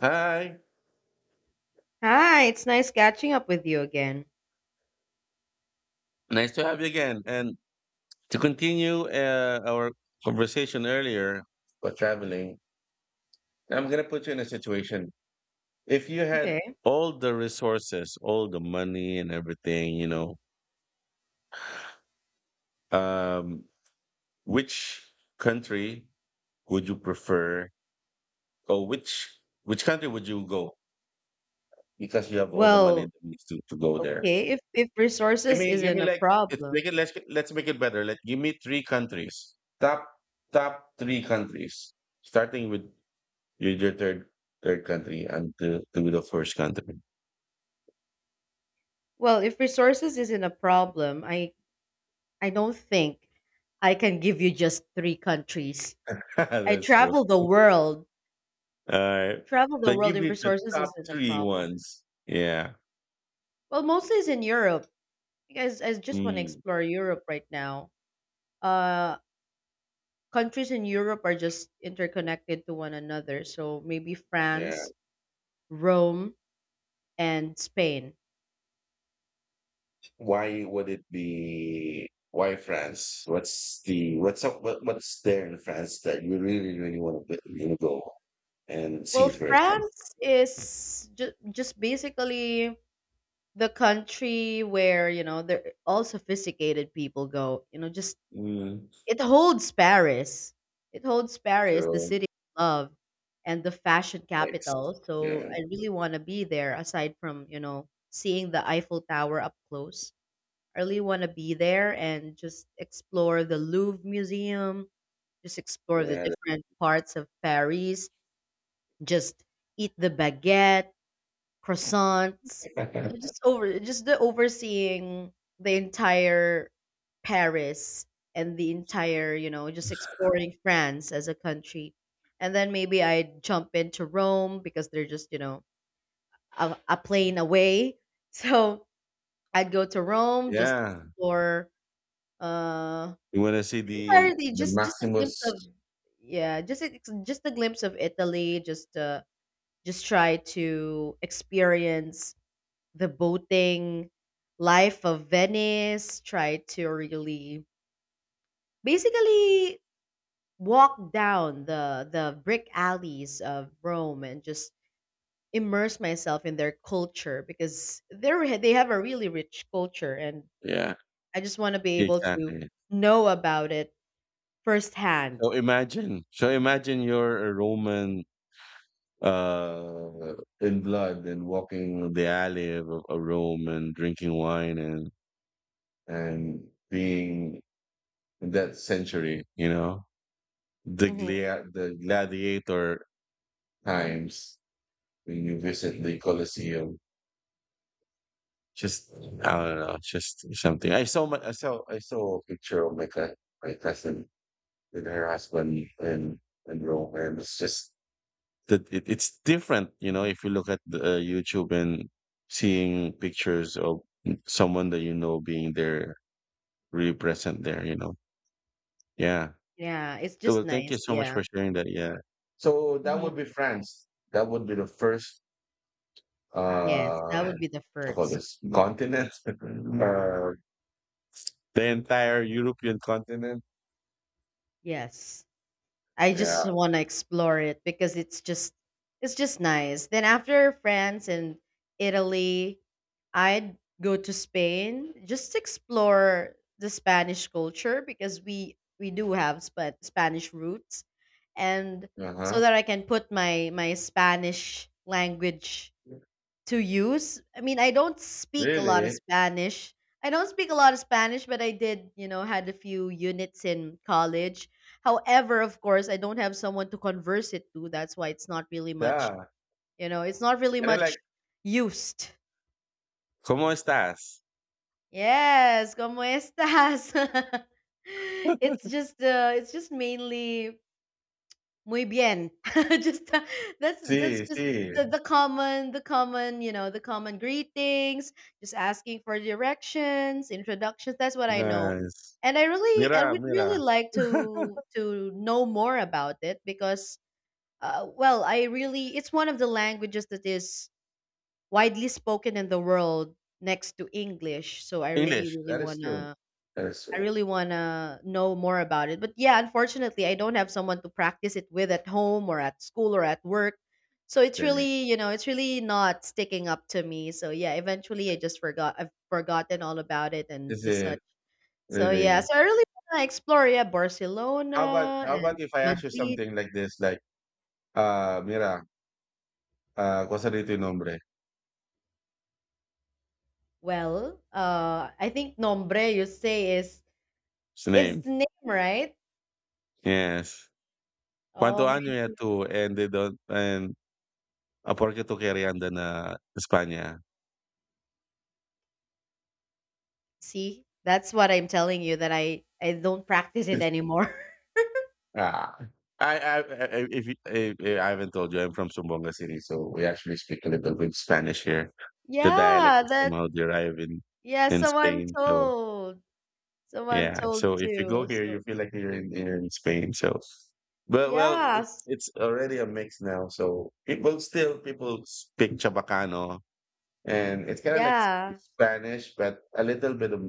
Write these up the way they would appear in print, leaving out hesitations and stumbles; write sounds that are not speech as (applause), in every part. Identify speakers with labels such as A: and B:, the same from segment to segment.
A: Hi,
B: Hi, it's nice catching up with you again.
A: nice to have you again. And to continue our conversation earlier about traveling, I'm going to put you in a situation. If you had
B: Okay.
A: all the resources, all the money and everything, um, which country would you prefer or which country would you go because you have all the money
B: Well,
A: that needs to go there?
B: okay, if
A: Give
B: resources
A: me, give
B: isn't
A: me
B: a
A: like it's
B: problem.
A: make it let's make it better. Let give me three countries. Top three countries. Starting with your third country and to the first country.
B: Well, if resources isn't a problem, I don't think I can give you just three countries.
A: (laughs)
B: I
A: That's true.
B: travel the world.
A: All right.
B: Travel the
A: But
B: world
A: give
B: if
A: me the
B: resources
A: top
B: isn't a
A: three
B: problem.
A: ones. Yeah.
B: Well, mostly it's in Europe because I just want to
A: Mm,
B: explore Europe right now. Uh Countries in Europe are just interconnected to one another. So maybe
A: yeah.
B: France, Rome, and Spain.
A: Why would it be why France? What's the what's up what's there in France that you really, really want to go and see
B: Well,
A: it for yourself?
B: France is just basically the country where, you know, there all sophisticated people go. You know, just
A: Mm,
B: it holds Paris. It holds Paris, the
A: true.
B: city of love and the fashion
A: Nice.
B: capital. So
A: Yeah.
B: I really want to be there aside from, you know, seeing the Eiffel Tower up close. I really want to be there and just explore the Louvre Museum, just explore the
A: Yeah.
B: different parts of Paris, just eat the baguette croissants. You know,
A: the-
B: Just over just the overseeing the entire Paris and the entire, you know, just exploring France as a country. And then maybe I'd jump into Rome because they're just, you know, a plane away. (laughs) So I'd go to
A: (laughs)
B: Rome just to
A: Yeah.
B: explore uh
A: You wanna see
B: the
A: the
B: entirety,
A: the
B: just a glimpse of
A: Maximus.
B: yeah, just a glimpse of Italy, just just try to experience the boating life of Venice, try to really basically walk down the brick alleys of Rome and just immerse myself in their culture because they have a really rich culture and
A: Yeah,
B: I just want to be able to
A: exactly.
B: know about it firsthand.
A: So imagine you're a Roman uh in blood and walking the alley of Rome and drinking wine and being in that century, you know,
B: Hmm
A: the gladiator times when you visit the Colosseum. Just I don't know, just something. I saw a picture of my cousin with her husband in Rome, and it's just that it's different, you know. If you look at the YouTube and seeing pictures of someone that you know being there, really present there. Yeah.
B: Yeah, it's
A: So,
B: just
A: well, thank you
B: nice.
A: so much
B: Yeah.
A: for sharing that. Yeah. So that
B: hmm
A: would be France. That would be the first
B: Yes, that
A: what do
B: would be the
A: you call
B: first.
A: this continent (laughs) uh, The entire European continent?
B: Yes. I just
A: Yeah.
B: want to explore it because it's just nice. Then after France and Italy, I'd go to Spain just to explore the Spanish culture because we do have Spanish roots and so
A: Uh-huh.
B: that I can put my Spanish language to use. I mean, I don't speak a lot of
A: Really?
B: Spanish. I don't speak a lot of Spanish, but I did, you know, had a few units in college. However, of course, I don't have someone to converse it to. That's why it's not really much,
A: Yeah.
B: you know, it's not really
A: And then
B: much
A: like,
B: used.
A: ¿cómo estás?
B: Yes, como estas? (laughs) It's just mainly muy bien. (laughs) Just that's just
A: See,
B: just
A: see.
B: the common you know, the common greetings, just asking for directions, introductions. That's what I know.
A: Nice.
B: And I
A: Mira,
B: would really
A: mira.
B: like
A: (laughs)
B: to know more about it because I really it's one of the languages that is widely spoken in the world next to English. So I really
A: English.
B: really
A: That is
B: want
A: true.
B: to
A: That is
B: I
A: true.
B: really want to know more about it. But yeah, unfortunately, I don't have someone to practice it with at home or at school or at work. So it's
A: Okay.
B: really, you know, it's really not sticking up to me. So yeah, eventually I just forgot. I've forgotten all about it and
A: Is
B: the such.
A: it
B: So yeah,
A: really?
B: so I really want to explore yeah
A: How about
B: Barcelona
A: how
B: and
A: about if I ask you
B: Madrid.
A: something like this, like, mira, ¿cuál sería tu nombre?
B: Well, I think nombre you say is
A: His name.
B: the name, right?
A: Yes.
B: Oh
A: ¿Cuánto año
B: my,
A: ya tú? And they don't, and, ¿a por qué tú querías andar a España?
B: see, that's what I'm telling you that I don't practice it
A: (laughs)
B: anymore.
A: Ah, I if I haven't told you, I'm from Sumbonga City, so we actually speak a little bit Spanish here. The dialect
B: Yeah,
A: is
B: that
A: somehow derived in
B: yeah, so I'm
A: Spain. So
B: told. So I'm
A: yeah,
B: told
A: so if you go
B: too.
A: here, you
B: So
A: feel like you're in Spain. So, but well, it's
B: yes.
A: it's already a mix now. So people still people speak Chabacano, and it's kind of like
B: Yeah.
A: Spanish, but a little bit of,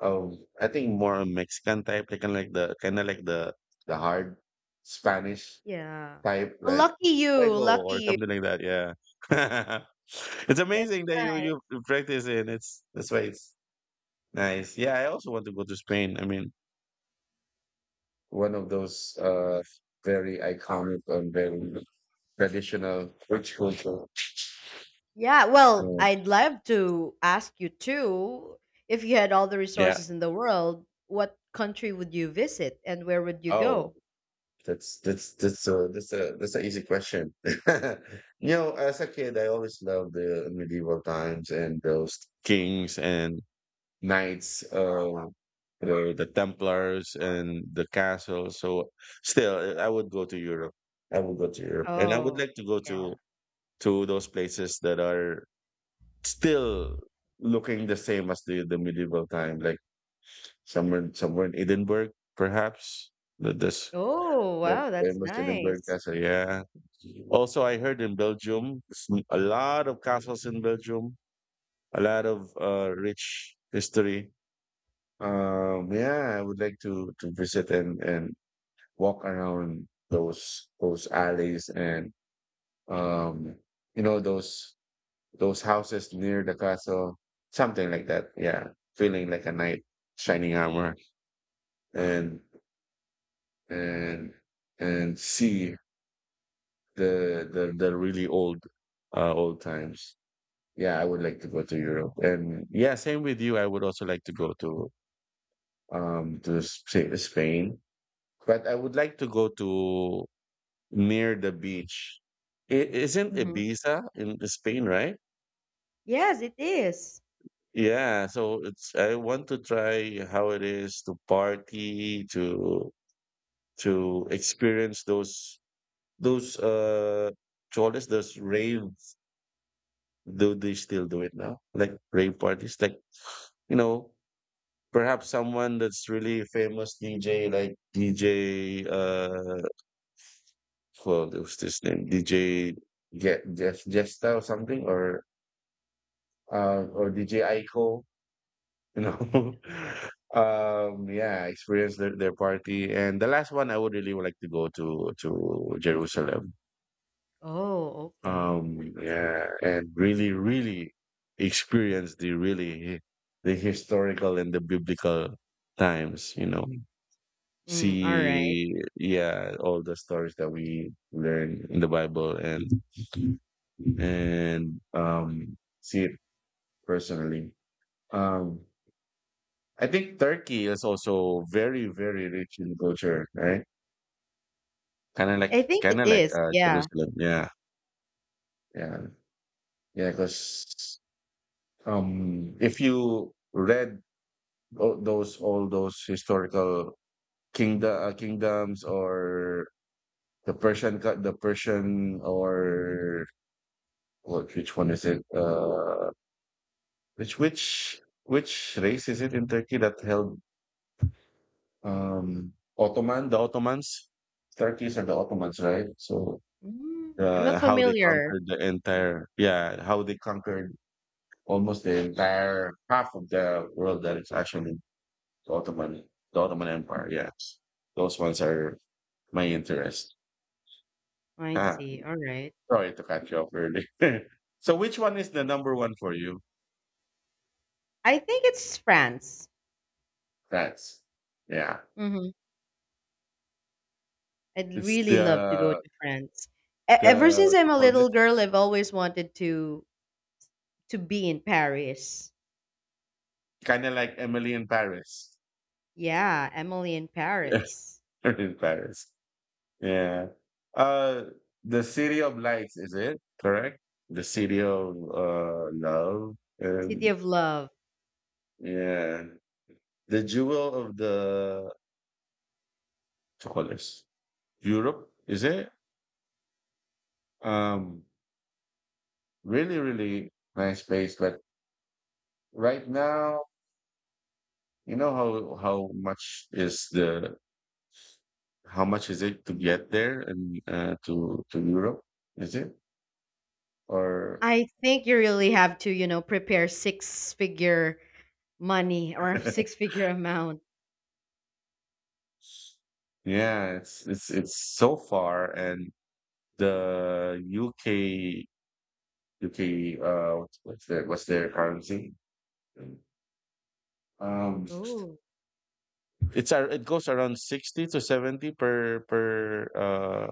A: of I think more Mexican type, like kind of like the kind of like the hard Spanish
B: Yeah.
A: type
B: Well,
A: like
B: lucky you,
A: Fuego
B: lucky
A: or
B: you.
A: something like that. Yeah, (laughs) it's
B: That's
A: amazing that you
B: nice.
A: you practice it. It's that's why it's nice. Yeah, I also want to go to Spain. I mean, one of those very iconic and very traditional rich culture.
B: Yeah, well,
A: Uh,
B: I'd love to ask you too, if you had all the
A: yeah.
B: resources in the world, what country would you visit and where would you
A: Oh,
B: go?
A: that's a that's a that's an easy question. (laughs) As a kid, I always loved the medieval times and those kings and knights, the Templars and the castle. So still, I would go to Europe. I would go to Europe, and I would
B: Oh,
A: like to go
B: yeah.
A: to those places that are still looking the same as the medieval time, like somewhere in Edinburgh, perhaps. That this
B: Oh,
A: that
B: wow, that's
A: famous Edinburgh
B: nice.
A: castle. Yeah. Also, I heard in Belgium, a lot of castles in Belgium, a lot of rich history. Yeah, I would like to visit and walk around those alleys and um, you know, those those houses near the castle, something like that. Yeah, feeling like a knight shining armor and and and see the really old old times. Yeah, I would like to go to Europe. And yeah, same with you. I would also like to go to Spain. But I would like to go to near the beach. It isn't
B: Hmm
A: Ibiza in Spain, right?
B: Yes, it is.
A: Yeah, so it's I want to try how it is to party, to experience those choles, those raves. Do they still do it now? Like rave parties, like you know, perhaps someone that's really famous DJ, like DJ for what's this name DJ Get Jeff Jesta or something or DJ Aiko, you know.
B: Oh,
A: (laughs) Yeah, experience their party. And the last one I would really like to go to Jerusalem.
B: oh, okay. I see.
A: Yeah, and really, really experience the historical and the biblical times.
B: Mm, all right.
A: See, yeah, all the stories that we learn in the Bible and see it personally. um I think Turkey is also very, very rich in culture, right? kind of like
B: I think it
A: kind of like
B: is, yeah.
A: Jerusalem, yeah, yeah, yeah, because if you read all those historical kingdoms or the Persian or. Which one is it? Which race is it in Turkey that held Ottoman? The Ottomans, Turkish are the Ottomans, right? So
B: Mm, I'm not
A: how they
B: familiar.
A: conquered the entire, yeah, how they conquered almost the entire half of the world that is actually the Ottoman the Ottoman Empire. Yes, those ones are my interest.
B: I
A: Ah,
B: see, all right.
A: sorry to cut you off early. (laughs) So which one is the number one for you?
B: I think it's France.
A: That's, yeah.
B: Mhm. I'd
A: It's
B: really love to go
A: the
B: to France. E
A: the
B: Ever since
A: what
B: I'm
A: you
B: a
A: call
B: little
A: this?
B: girl, I've always wanted to be in Paris.
A: Kinda like Emily in Paris.
B: Yeah, Emily in
A: (laughs)
B: Paris.
A: Emily in Paris. Yeah. Uh the City of Lights, is it? Correct? The City of Love.
B: City
A: And
B: of Love.
A: yeah. The jewel of the, what you, Europe, is it? Um Really, really nice place. But right now, you know how much is the how much is it to get there and to Europe? Is it? Or
B: I think you really have to, you know, prepare six figure money or (laughs)
A: (laughs)
B: six figure amount.
A: yeah, it's so far, and the UK what's their currency? Um,
B: Oh.
A: it's it goes around 60 to 70 per per uh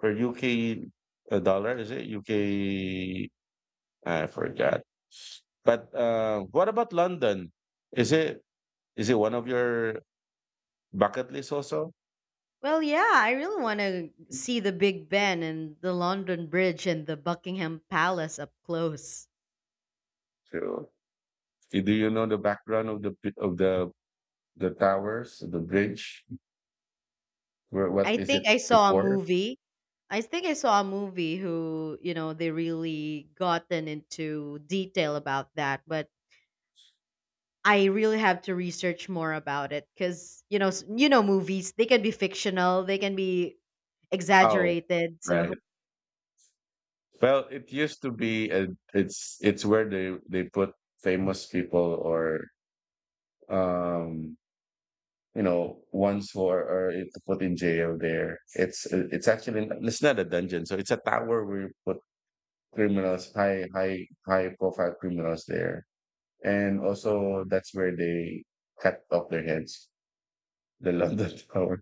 A: per UK dollar. Is it UK? I forgot. But what about London? Is it is it one of your bucket list also?
B: Well, yeah, I really want to see the Big Ben and the London Bridge and the Buckingham Palace up close.
A: So, do you know the background of the towers, the bridge, where
B: I
A: what is it
B: think I saw a
A: before?
B: movie. I think I saw a movie who, you know, they really gotten into detail about that, but I really have to research more about it cuz you know, you know movies, they can be fictional, they can be
A: Oh,
B: exaggerated. So,
A: right. Well, it used to be a, it's where they put famous people or um ones who are put in jail there. It's actually it's not a dungeon, so it's a tower where you put criminals, high profile criminals there, and also that's where they cut off their heads. The London (laughs) Tower.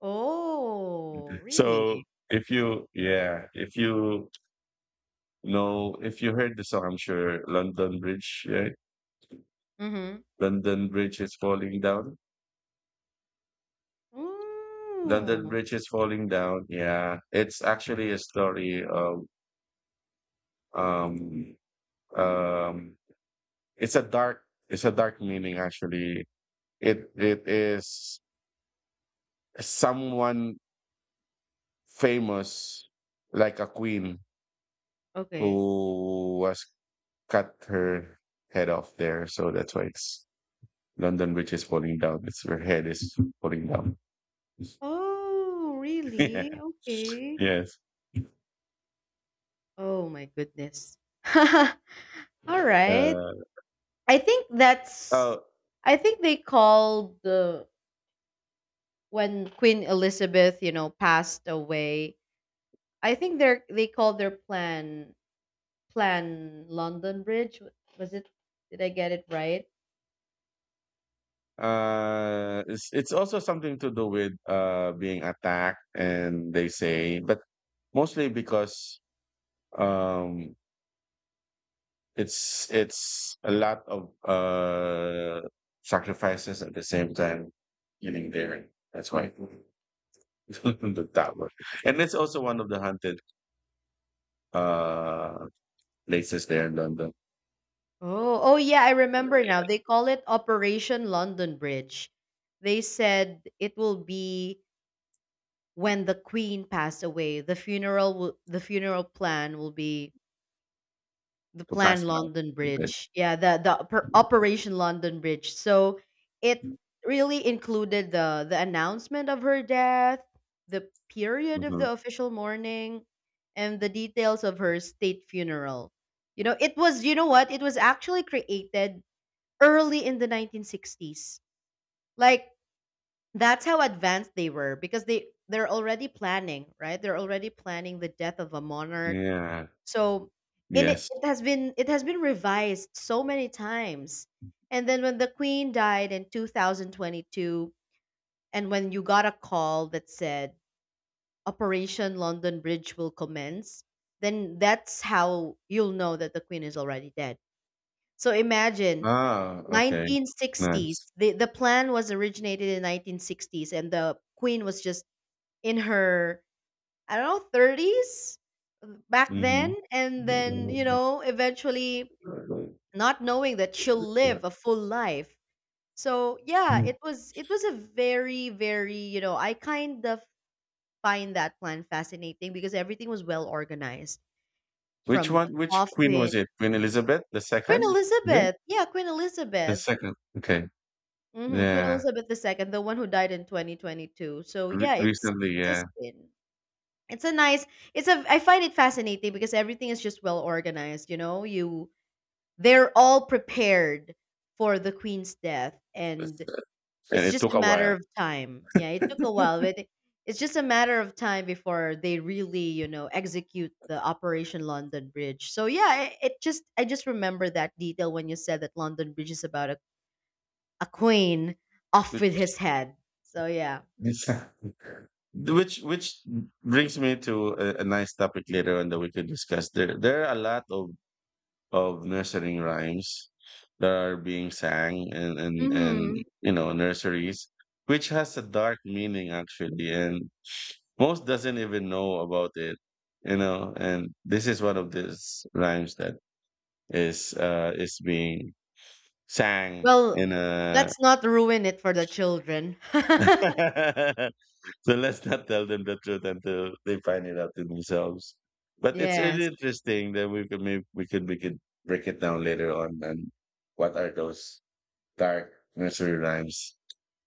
B: (laughs) oh, really?
A: So if you, yeah, if you heard the song, I'm sure London Bridge, right?
B: Mhm.
A: London Bridge is falling down. London
B: Ooh,
A: Bridge is falling down. Yeah, it's actually a story of um um. It's a dark meaning actually. It is someone famous like a queen
B: okay.
A: who was cut her head off there. So that's why it's London Bridge is falling down. It's her head is falling down. (laughs)
B: Oh,
A: yeah.
B: really? Okay.
A: Yes.
B: Oh my goodness. (laughs) All right.
A: Uh,
B: I think that's
A: oh,
B: I think they called the when Queen Elizabeth, you know, passed away. I think they called their plan Plan London Bridge. Was it did I get it right?
A: uh, it's also something to do with being attacked, and they say, but mostly because um it's a lot of sacrifices at the same time getting there. That's why (laughs) the tower, and it's also one of the haunted uh places there in London
B: Oh, oh yeah, I remember now. They call it Operation London Bridge. They said it will be when the queen passed away the funeral plan will be the
A: to
B: plan
A: pass by.
B: London Bridge, yeah, the Operation London Bridge. So it
A: Mhm.
B: really included the announcement of her death, the period of the official mourning, and the details of her state funeral. You know, it was, you know what, it was actually created early in the 1960s. Like, that's how advanced they were, because they're already planning, right? They're already planning the death of a monarch.
A: Yeah.
B: So, and it,
A: Yes.
B: it has been revised so many times. And then when the queen died in 2022 and when you got a call that said Operation London Bridge will commence, then that's how you'll know that the queen is already dead. So imagine
A: Ah, okay.
B: 1960s.
A: Nice.
B: The plan was originated in 1960s and the queen was just in her, I don't know, 30s back
A: Mhm.
B: then. And then, you
A: Mm.
B: know, eventually
A: (laughs)
B: not knowing that she'll live a full life. So yeah, it was a very, very, you know, I kind of find that plan fascinating because everything was well organized
A: Which
B: from the
A: one? Which queen
B: coffin.
A: was it? Queen Elizabeth the
B: Queen
A: second? Is it?
B: Elizabeth. Yeah, Queen
A: The
B: Elizabeth.
A: second. Okay.
B: Hmm Queen
A: Yeah.
B: Elizabeth II, the one who died in 2022. So
A: Re-
B: yeah, it's it
A: recently,
B: has
A: yeah.
B: been. It's a nice it's a I find it fascinating because everything is just well organized. You know, you they're all prepared for the queen's death and
A: And
B: it's
A: it
B: just
A: took
B: a
A: a
B: matter
A: while.
B: of time. Yeah, it took a while, it's just a matter of time before they really, you know, execute the Operation London Bridge. So yeah, it just I just remember that detail when you said that London Bridge is about a queen off with
A: Which
B: his head. So yeah.
A: (laughs) which brings me to a nice topic later on that we could discuss. There are a lot of nursery rhymes that are being sang and
B: hmm
A: nurseries, which has a dark meaning actually, and most doesn't even know about it. And this is one of these rhymes that is being sang
B: Well,
A: in a.
B: let's not ruin it for the children. (laughs)
A: (laughs) So let's not tell them the truth until they find it out to themselves. But it's really
B: Yes.
A: interesting that we could maybe we could break it down later on and what are those dark nursery rhymes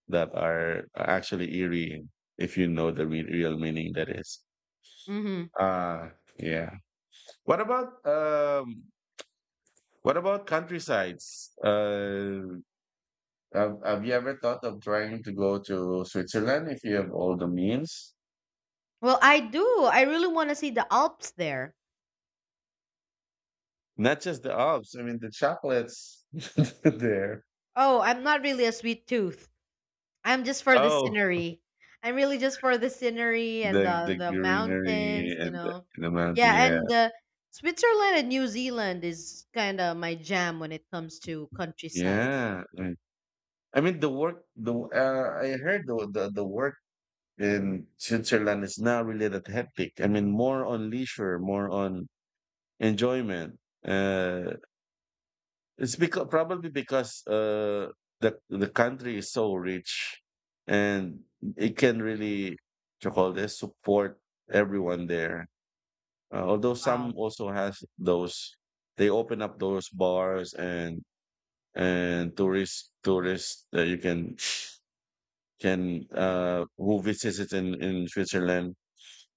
A: that are actually eerie if you know the real meaning that is.
B: hmm
A: Ah, yeah. What about um what about countrysides? Have you ever thought of trying to go to Switzerland if you have all the means?
B: Well, I do. I really want to see the Alps there.
A: Not just the Alps, I mean the chocolates (laughs) there.
B: Oh, I'm not really a sweet tooth. I'm just for the
A: Oh,
B: scenery. I'm really just for the scenery and
A: the
B: the
A: the
B: the mountains,
A: greenery
B: you
A: and the,
B: know.
A: the mountains.
B: Yeah,
A: Yeah,
B: and Switzerland and New Zealand is kind of my jam when it comes to countryside.
A: yeah. I mean, the work. The I heard the work in Switzerland is not really that hectic. I mean, more on leisure, more on enjoyment. Uh, it's because probably because the country is so rich, and it can really what you call this support everyone there. Although some
B: Wow.
A: also has those, they open up those bars and and tourists that you can who visits it in Switzerland,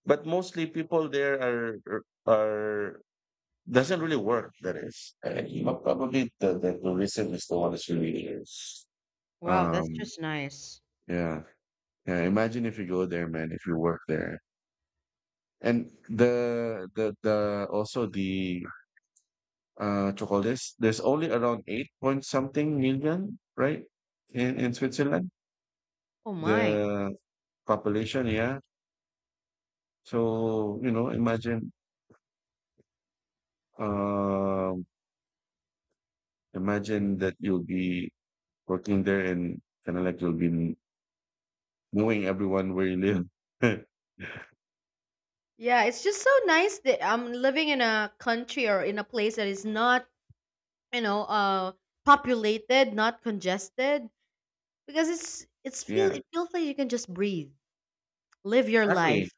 A: but mostly people there are doesn't really work. That is, and probably the tourism is the one that's really here.
B: Wow, that's
A: Um,
B: just nice.
A: yeah, yeah. Imagine if you go there, man. If you work there, and the chocolates. There's only around eight point something million, right? In Switzerland,
B: Oh my.
A: the population. Yeah. So um, imagine that you'll be working there and kind of like you'll be knowing everyone where you live.
B: Yeah, it's just so nice that I'm living in a country or in a place that is not, you know, populated, not congested, because
A: (laughs) Yeah,
B: it feels like you can just breathe, live your
A: exactly,
B: life.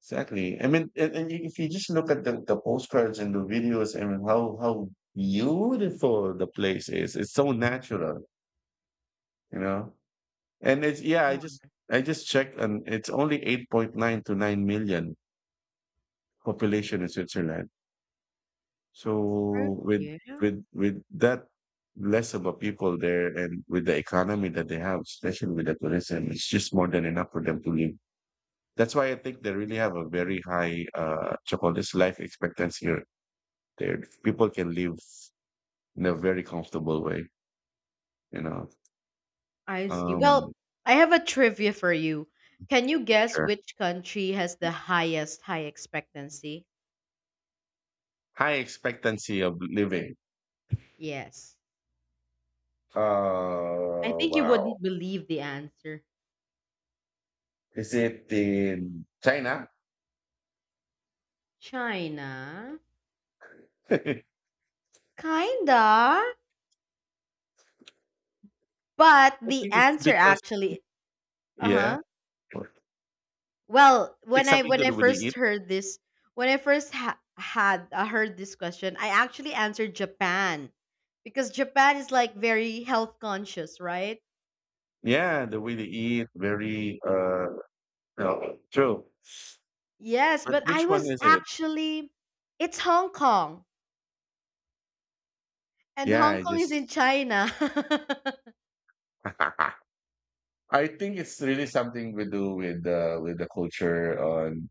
A: exactly. I mean, and if you just look at the postcards and the videos, I mean, how beautiful the place is. It's so natural, you know. And it's yeah,
B: Come on.
A: I just checked, and it's only 8.9 to 9 million population in Switzerland.
B: Percy,
A: So with
B: yeah,
A: with with that less of a people there, and with the economy that they have, especially with the tourism, it's just more than enough for them to live. That's why I think they really have a very high what you call this life expectancy here. There people can live in a very comfortable way, you know.
B: I see. Well,
A: Um
B: I have a trivia for you. Can you guess
A: sure.
B: which country has the highest high expectancy?
A: High expectancy of living.
B: Yes. I think you
A: Wow.
B: wouldn't believe the answer.
A: Is it in China?
B: China.
A: (laughs) I think
B: Kinda, but the
A: it's
B: answer
A: because
B: actually,
A: yeah.
B: uh-huh.
A: I
B: Well,
A: think something
B: when
A: to
B: I
A: do with
B: first
A: the
B: heard this, when I first ha- had heard this question, I actually answered Japan because Japan is like very health conscious, right?
A: Yeah, the way they eat, very no, true.
B: Yes,
A: But
B: but
A: which
B: I
A: one
B: was
A: is it?
B: actually it's Hong Kong and
A: Yeah,
B: Hong
A: I
B: Kong is in
A: just
B: China.
A: (laughs) I think it's really something we do with the culture on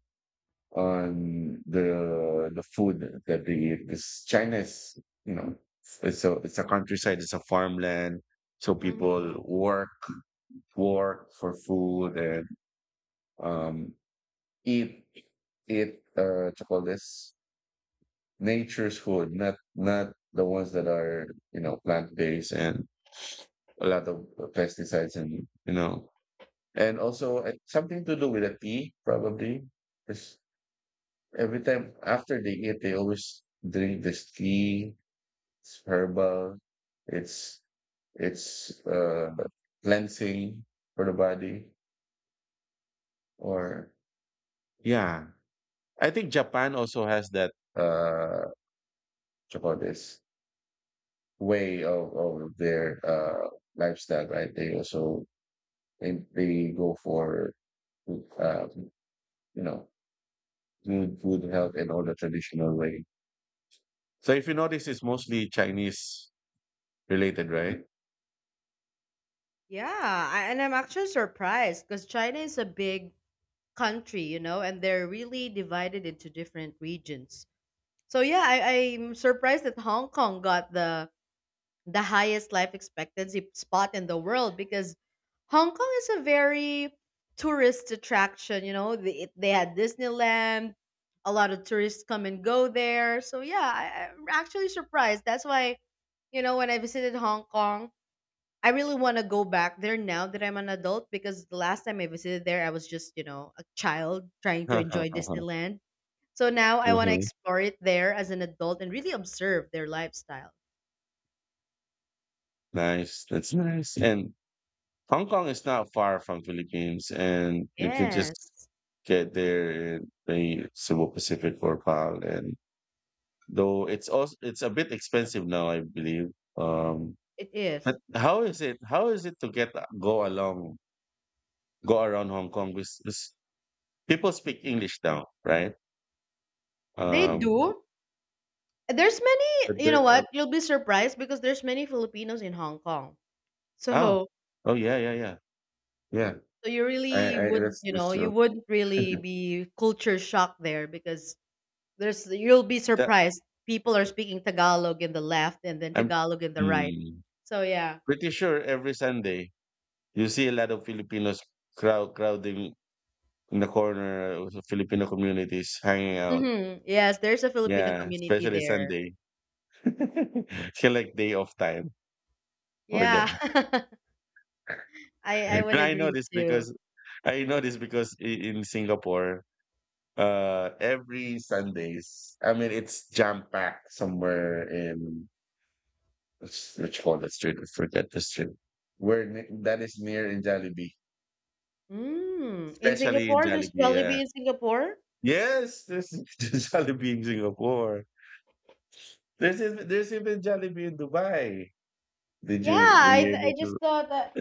A: on the food that they eat. Because China is, you know, it's a countryside, it's a farmland. So
B: (laughs)
A: people
B: hmm
A: work for food and um eat eat what you call this nature's food, not the ones that are, you know, plant based and a lot of pesticides, and, you know, and also something to do with the tea probably, because every time after they eat they always drink this tea. It's herbal. It's it's cleansing for the body or yeah. I think Japan also has that. What do you call this? Way of their lifestyle, right? They also they go for, uh, you know, good food health and all the traditional way. So if you notice, it's mostly Chinese related, right?
B: Yeah, I, and I'm actually surprised because China is a big country, you know, and they're really divided into different regions. So yeah, I'm surprised that Hong Kong got the highest life expectancy spot in the world because Hong Kong is a very tourist attraction. You know, they had Disneyland, a lot of tourists come and go there. So, yeah, I'm actually surprised. That's why, you know, when I visited Hong Kong, I really want to go back there now that I'm an adult, because the last time I visited there, I was just, you know, a child trying to enjoy
A: (laughs)
B: Disneyland. So now I want to
A: Mhm.
B: explore it there as an adult and really observe their lifestyle.
A: Nice, that's nice. And Hong Kong is not far from Philippines, and you can just
B: Yes.
A: get there in the Cebu Pacific or PAL. And though it's also it's a bit expensive now, I believe. Um,
B: It
A: But
B: is.
A: how is it? How is it to go around Hong Kong? Because people speak English now, right?
B: They
A: Um,
B: do. There's many,
A: but
B: you know
A: there are,
B: what? You'll be surprised because there's many Filipinos in Hong Kong.
A: oh,
B: So,
A: oh yeah, yeah, yeah, yeah.
B: so you
A: I,
B: really
A: I
B: wouldn't, you know,
A: that's
B: you
A: true.
B: wouldn't really be culture shocked there because there's you'll be
A: That
B: surprised. People are speaking Tagalog in the left and then
A: I'm
B: Tagalog in the right.
A: mm,
B: So, yeah.
A: pretty sure every Sunday you see a lot of Filipinos crowding in the corner of the Filipino communities hanging out.
B: Mhm. Yes, there's a Filipino
A: Yeah,
B: community
A: especially
B: there.
A: Sunday. (laughs) It's like day off time for
B: Yeah.
A: them.
B: (laughs) I
A: (laughs)
B: would
A: I know
B: agree
A: this
B: too.
A: because I know this because in Singapore, every Sundays, I mean, it's jam packed somewhere in what you call that street? I forget the street. Where that is near in Jollibee,
B: Mm. In
A: especially in
B: Singapore, there's
A: Jollibee. Yeah.
B: Jollibee in Singapore?
A: Yes, there's (laughs) there's Jollibee in Singapore. There's even Jollibee in Dubai. Did
B: Yeah,
A: you were you
B: I
A: able
B: just
A: to?
B: thought that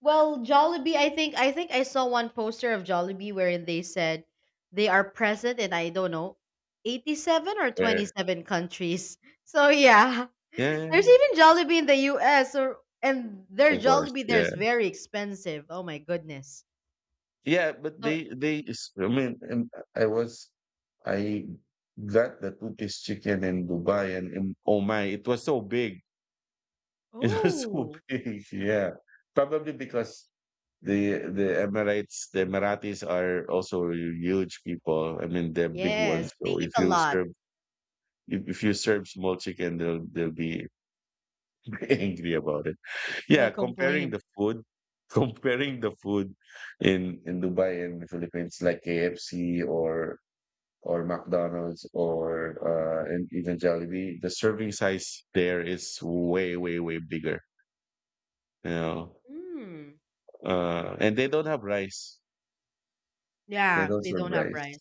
B: well, Jollibee, I think I saw one poster of Jollibee wherein they said they are present in I don't know, 87 or
A: Where?
B: 27 countries. So yeah. (laughs)
A: Yeah,
B: There's even Jollibee in the US or and their
A: of course.
B: Jollibee
A: Yeah.
B: there's very expensive. Oh my goodness.
A: Yeah, but
B: So
A: I mean, and I was I got the two-piece chicken in Dubai, and oh my, it was so big. (laughs) It was so
B: oh
A: big. Yeah, probably because the Emirates, the Emiratis are also huge people. I mean, they're big
B: yes,
A: ones.
B: they
A: So
B: eat a lot.
A: if you serve small chicken, they'll be (laughs) angry about it.
B: They'll
A: Yeah, comparing
B: complain.
A: the food, (laughs) comparing the food in Dubai and the Philippines, like KFC or McDonald's or and even Jollibee, the serving size there is way, way, way bigger. You know,
B: Mm,
A: and they don't have rice. They
B: yeah,
A: don't
B: they
A: serve
B: don't have rice.
A: rice.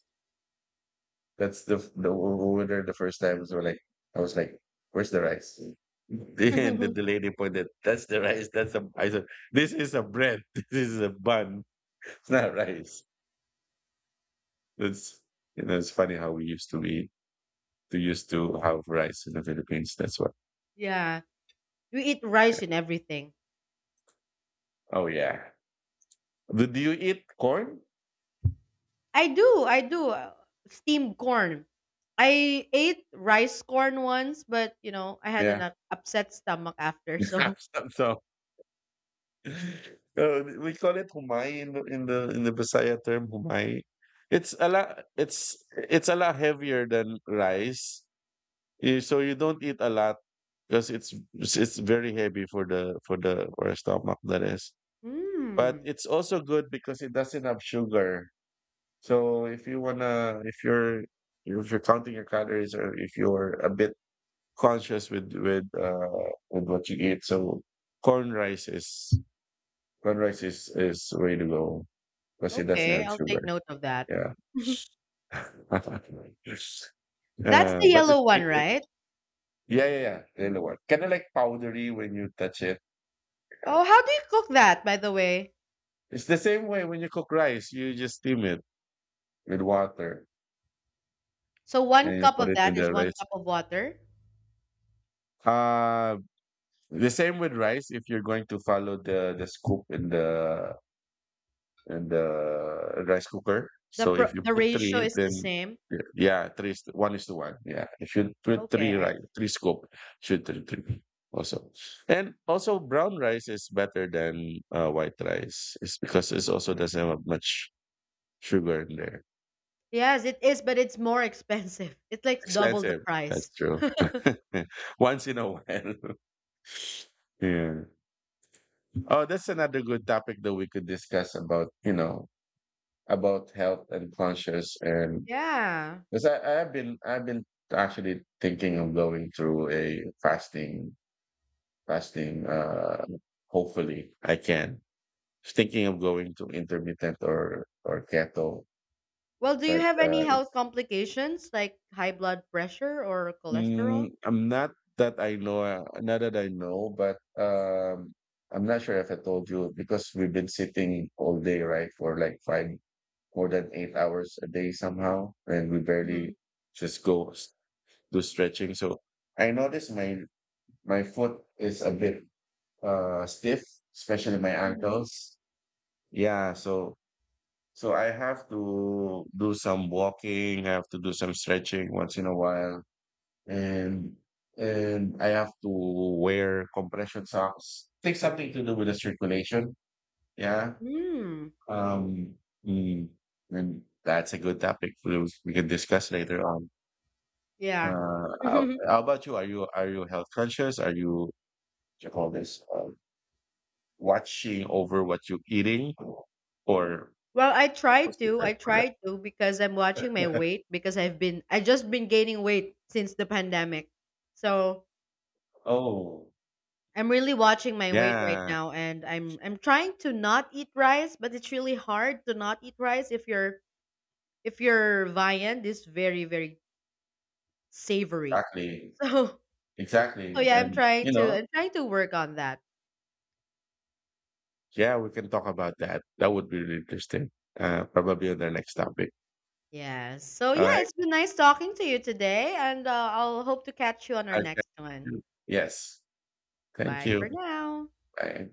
A: That's the f- the over there the first time. So like I was like, "Where's the rice?" (laughs) And the,
B: (laughs)
A: the lady pointed, "That's the rice. That's a." I said, "This is a bread. (laughs) This is a bun. It's not rice." That's, you know, it's funny how we used to have rice in the Philippines. That's what.
B: yeah. We eat rice in everything.
A: Oh yeah. Did you eat corn?
B: I do, I do. Steamed corn. I ate rice corn once, but you know, I had an
A: Yeah.
B: upset stomach after. So,
A: (laughs) So, we call it humay in the in the in the Bisaya term, humay. It's a lot it's it's a lot heavier than rice. Eh, so you don't eat a lot because it's very heavy for the for a stomach that is.
B: (laughs)
A: But
B: hmm.
A: it's also good because it doesn't have sugar. So if you're, if you're counting your calories, or if you're a bit conscious with with what you eat. So corn rice is corn rice is way to go because it doesn't
B: Okay,
A: have
B: I'll take
A: sugar.
B: note of that.
A: Yeah.
B: (laughs)
A: (laughs) uh,
B: That's the
A: but it,
B: yellow one,
A: it, it
B: right?
A: yeah yeah yeah they know what kind of like powdery when you touch it. Yeah.
B: Oh, how do you cook that, by the way?
A: It's the same way when you cook rice, you just steam it with water,
B: So one
A: and you
B: cup
A: put
B: of
A: it in
B: that is
A: the
B: one
A: rice.
B: cup of water.
A: Uh the same with rice if you're going to follow the scoop in the and the rice cooker. So if you
B: The
A: put
B: ratio
A: three,
B: is the
A: then
B: same.
A: yeah, three is one is to one. Yeah, if you put
B: Okay,
A: three
B: I
A: right, three scoop, should three, three also. And also, brown rice is better than white rice. It's because it also doesn't have much sugar in there.
B: yes, it is, but it's more expensive. (laughs) It's like double the
A: Expensive.
B: price.
A: That's true. (laughs) Once in a while. (laughs) Yeah. Oh, that's another good topic that we could discuss about, you know, about health and conscious and
B: Yeah.
A: because I've been actually thinking of going through a fasting. Hopefully, I can. Thinking of going to intermittent or keto,
B: Well, do you
A: but
B: have any health complications like high blood pressure or cholesterol?
A: I'm not that I know. Not that I know, but I'm not sure if I told you because we've been sitting all day, right, for like five more than 8 hours a day somehow, and we barely
B: Mhm.
A: just do stretching. So I noticed my foot is a bit stiff, especially my
B: Mhm.
A: ankles. Yeah, so I have to do some walking, I have to do some stretching once in a while, and and I have to wear compression socks. Think something to do with the circulation. Yeah.
B: Mm.
A: Um mm, and that's a good topic we can discuss later on.
B: Yeah. (laughs)
A: How about you? Are you, health conscious? Are you, what you call this? Watching over what you're eating, or
B: Well, I try
A: what's the
B: to.
A: term
B: I
A: for that?
B: try to because I'm watching my weight because I just been gaining weight since the pandemic. So,
A: Oh,
B: I'm really watching my weight right
A: yeah,
B: now and I'm trying to not eat rice, but it's really hard to not eat rice if your viand is very very savory.
A: exactly,
B: (laughs) So, so
A: exactly.
B: yeah,
A: And you know,
B: I'm trying to work on that.
A: yeah, we can talk about that. That would be really interesting. Probably on the next topic.
B: Yes. So
A: All
B: yeah,
A: right.
B: it's been nice talking to you today, and I'll hope to catch you on our next one.
A: Okay. Yes. Thank
B: Bye for
A: you.
B: now.
A: Bye.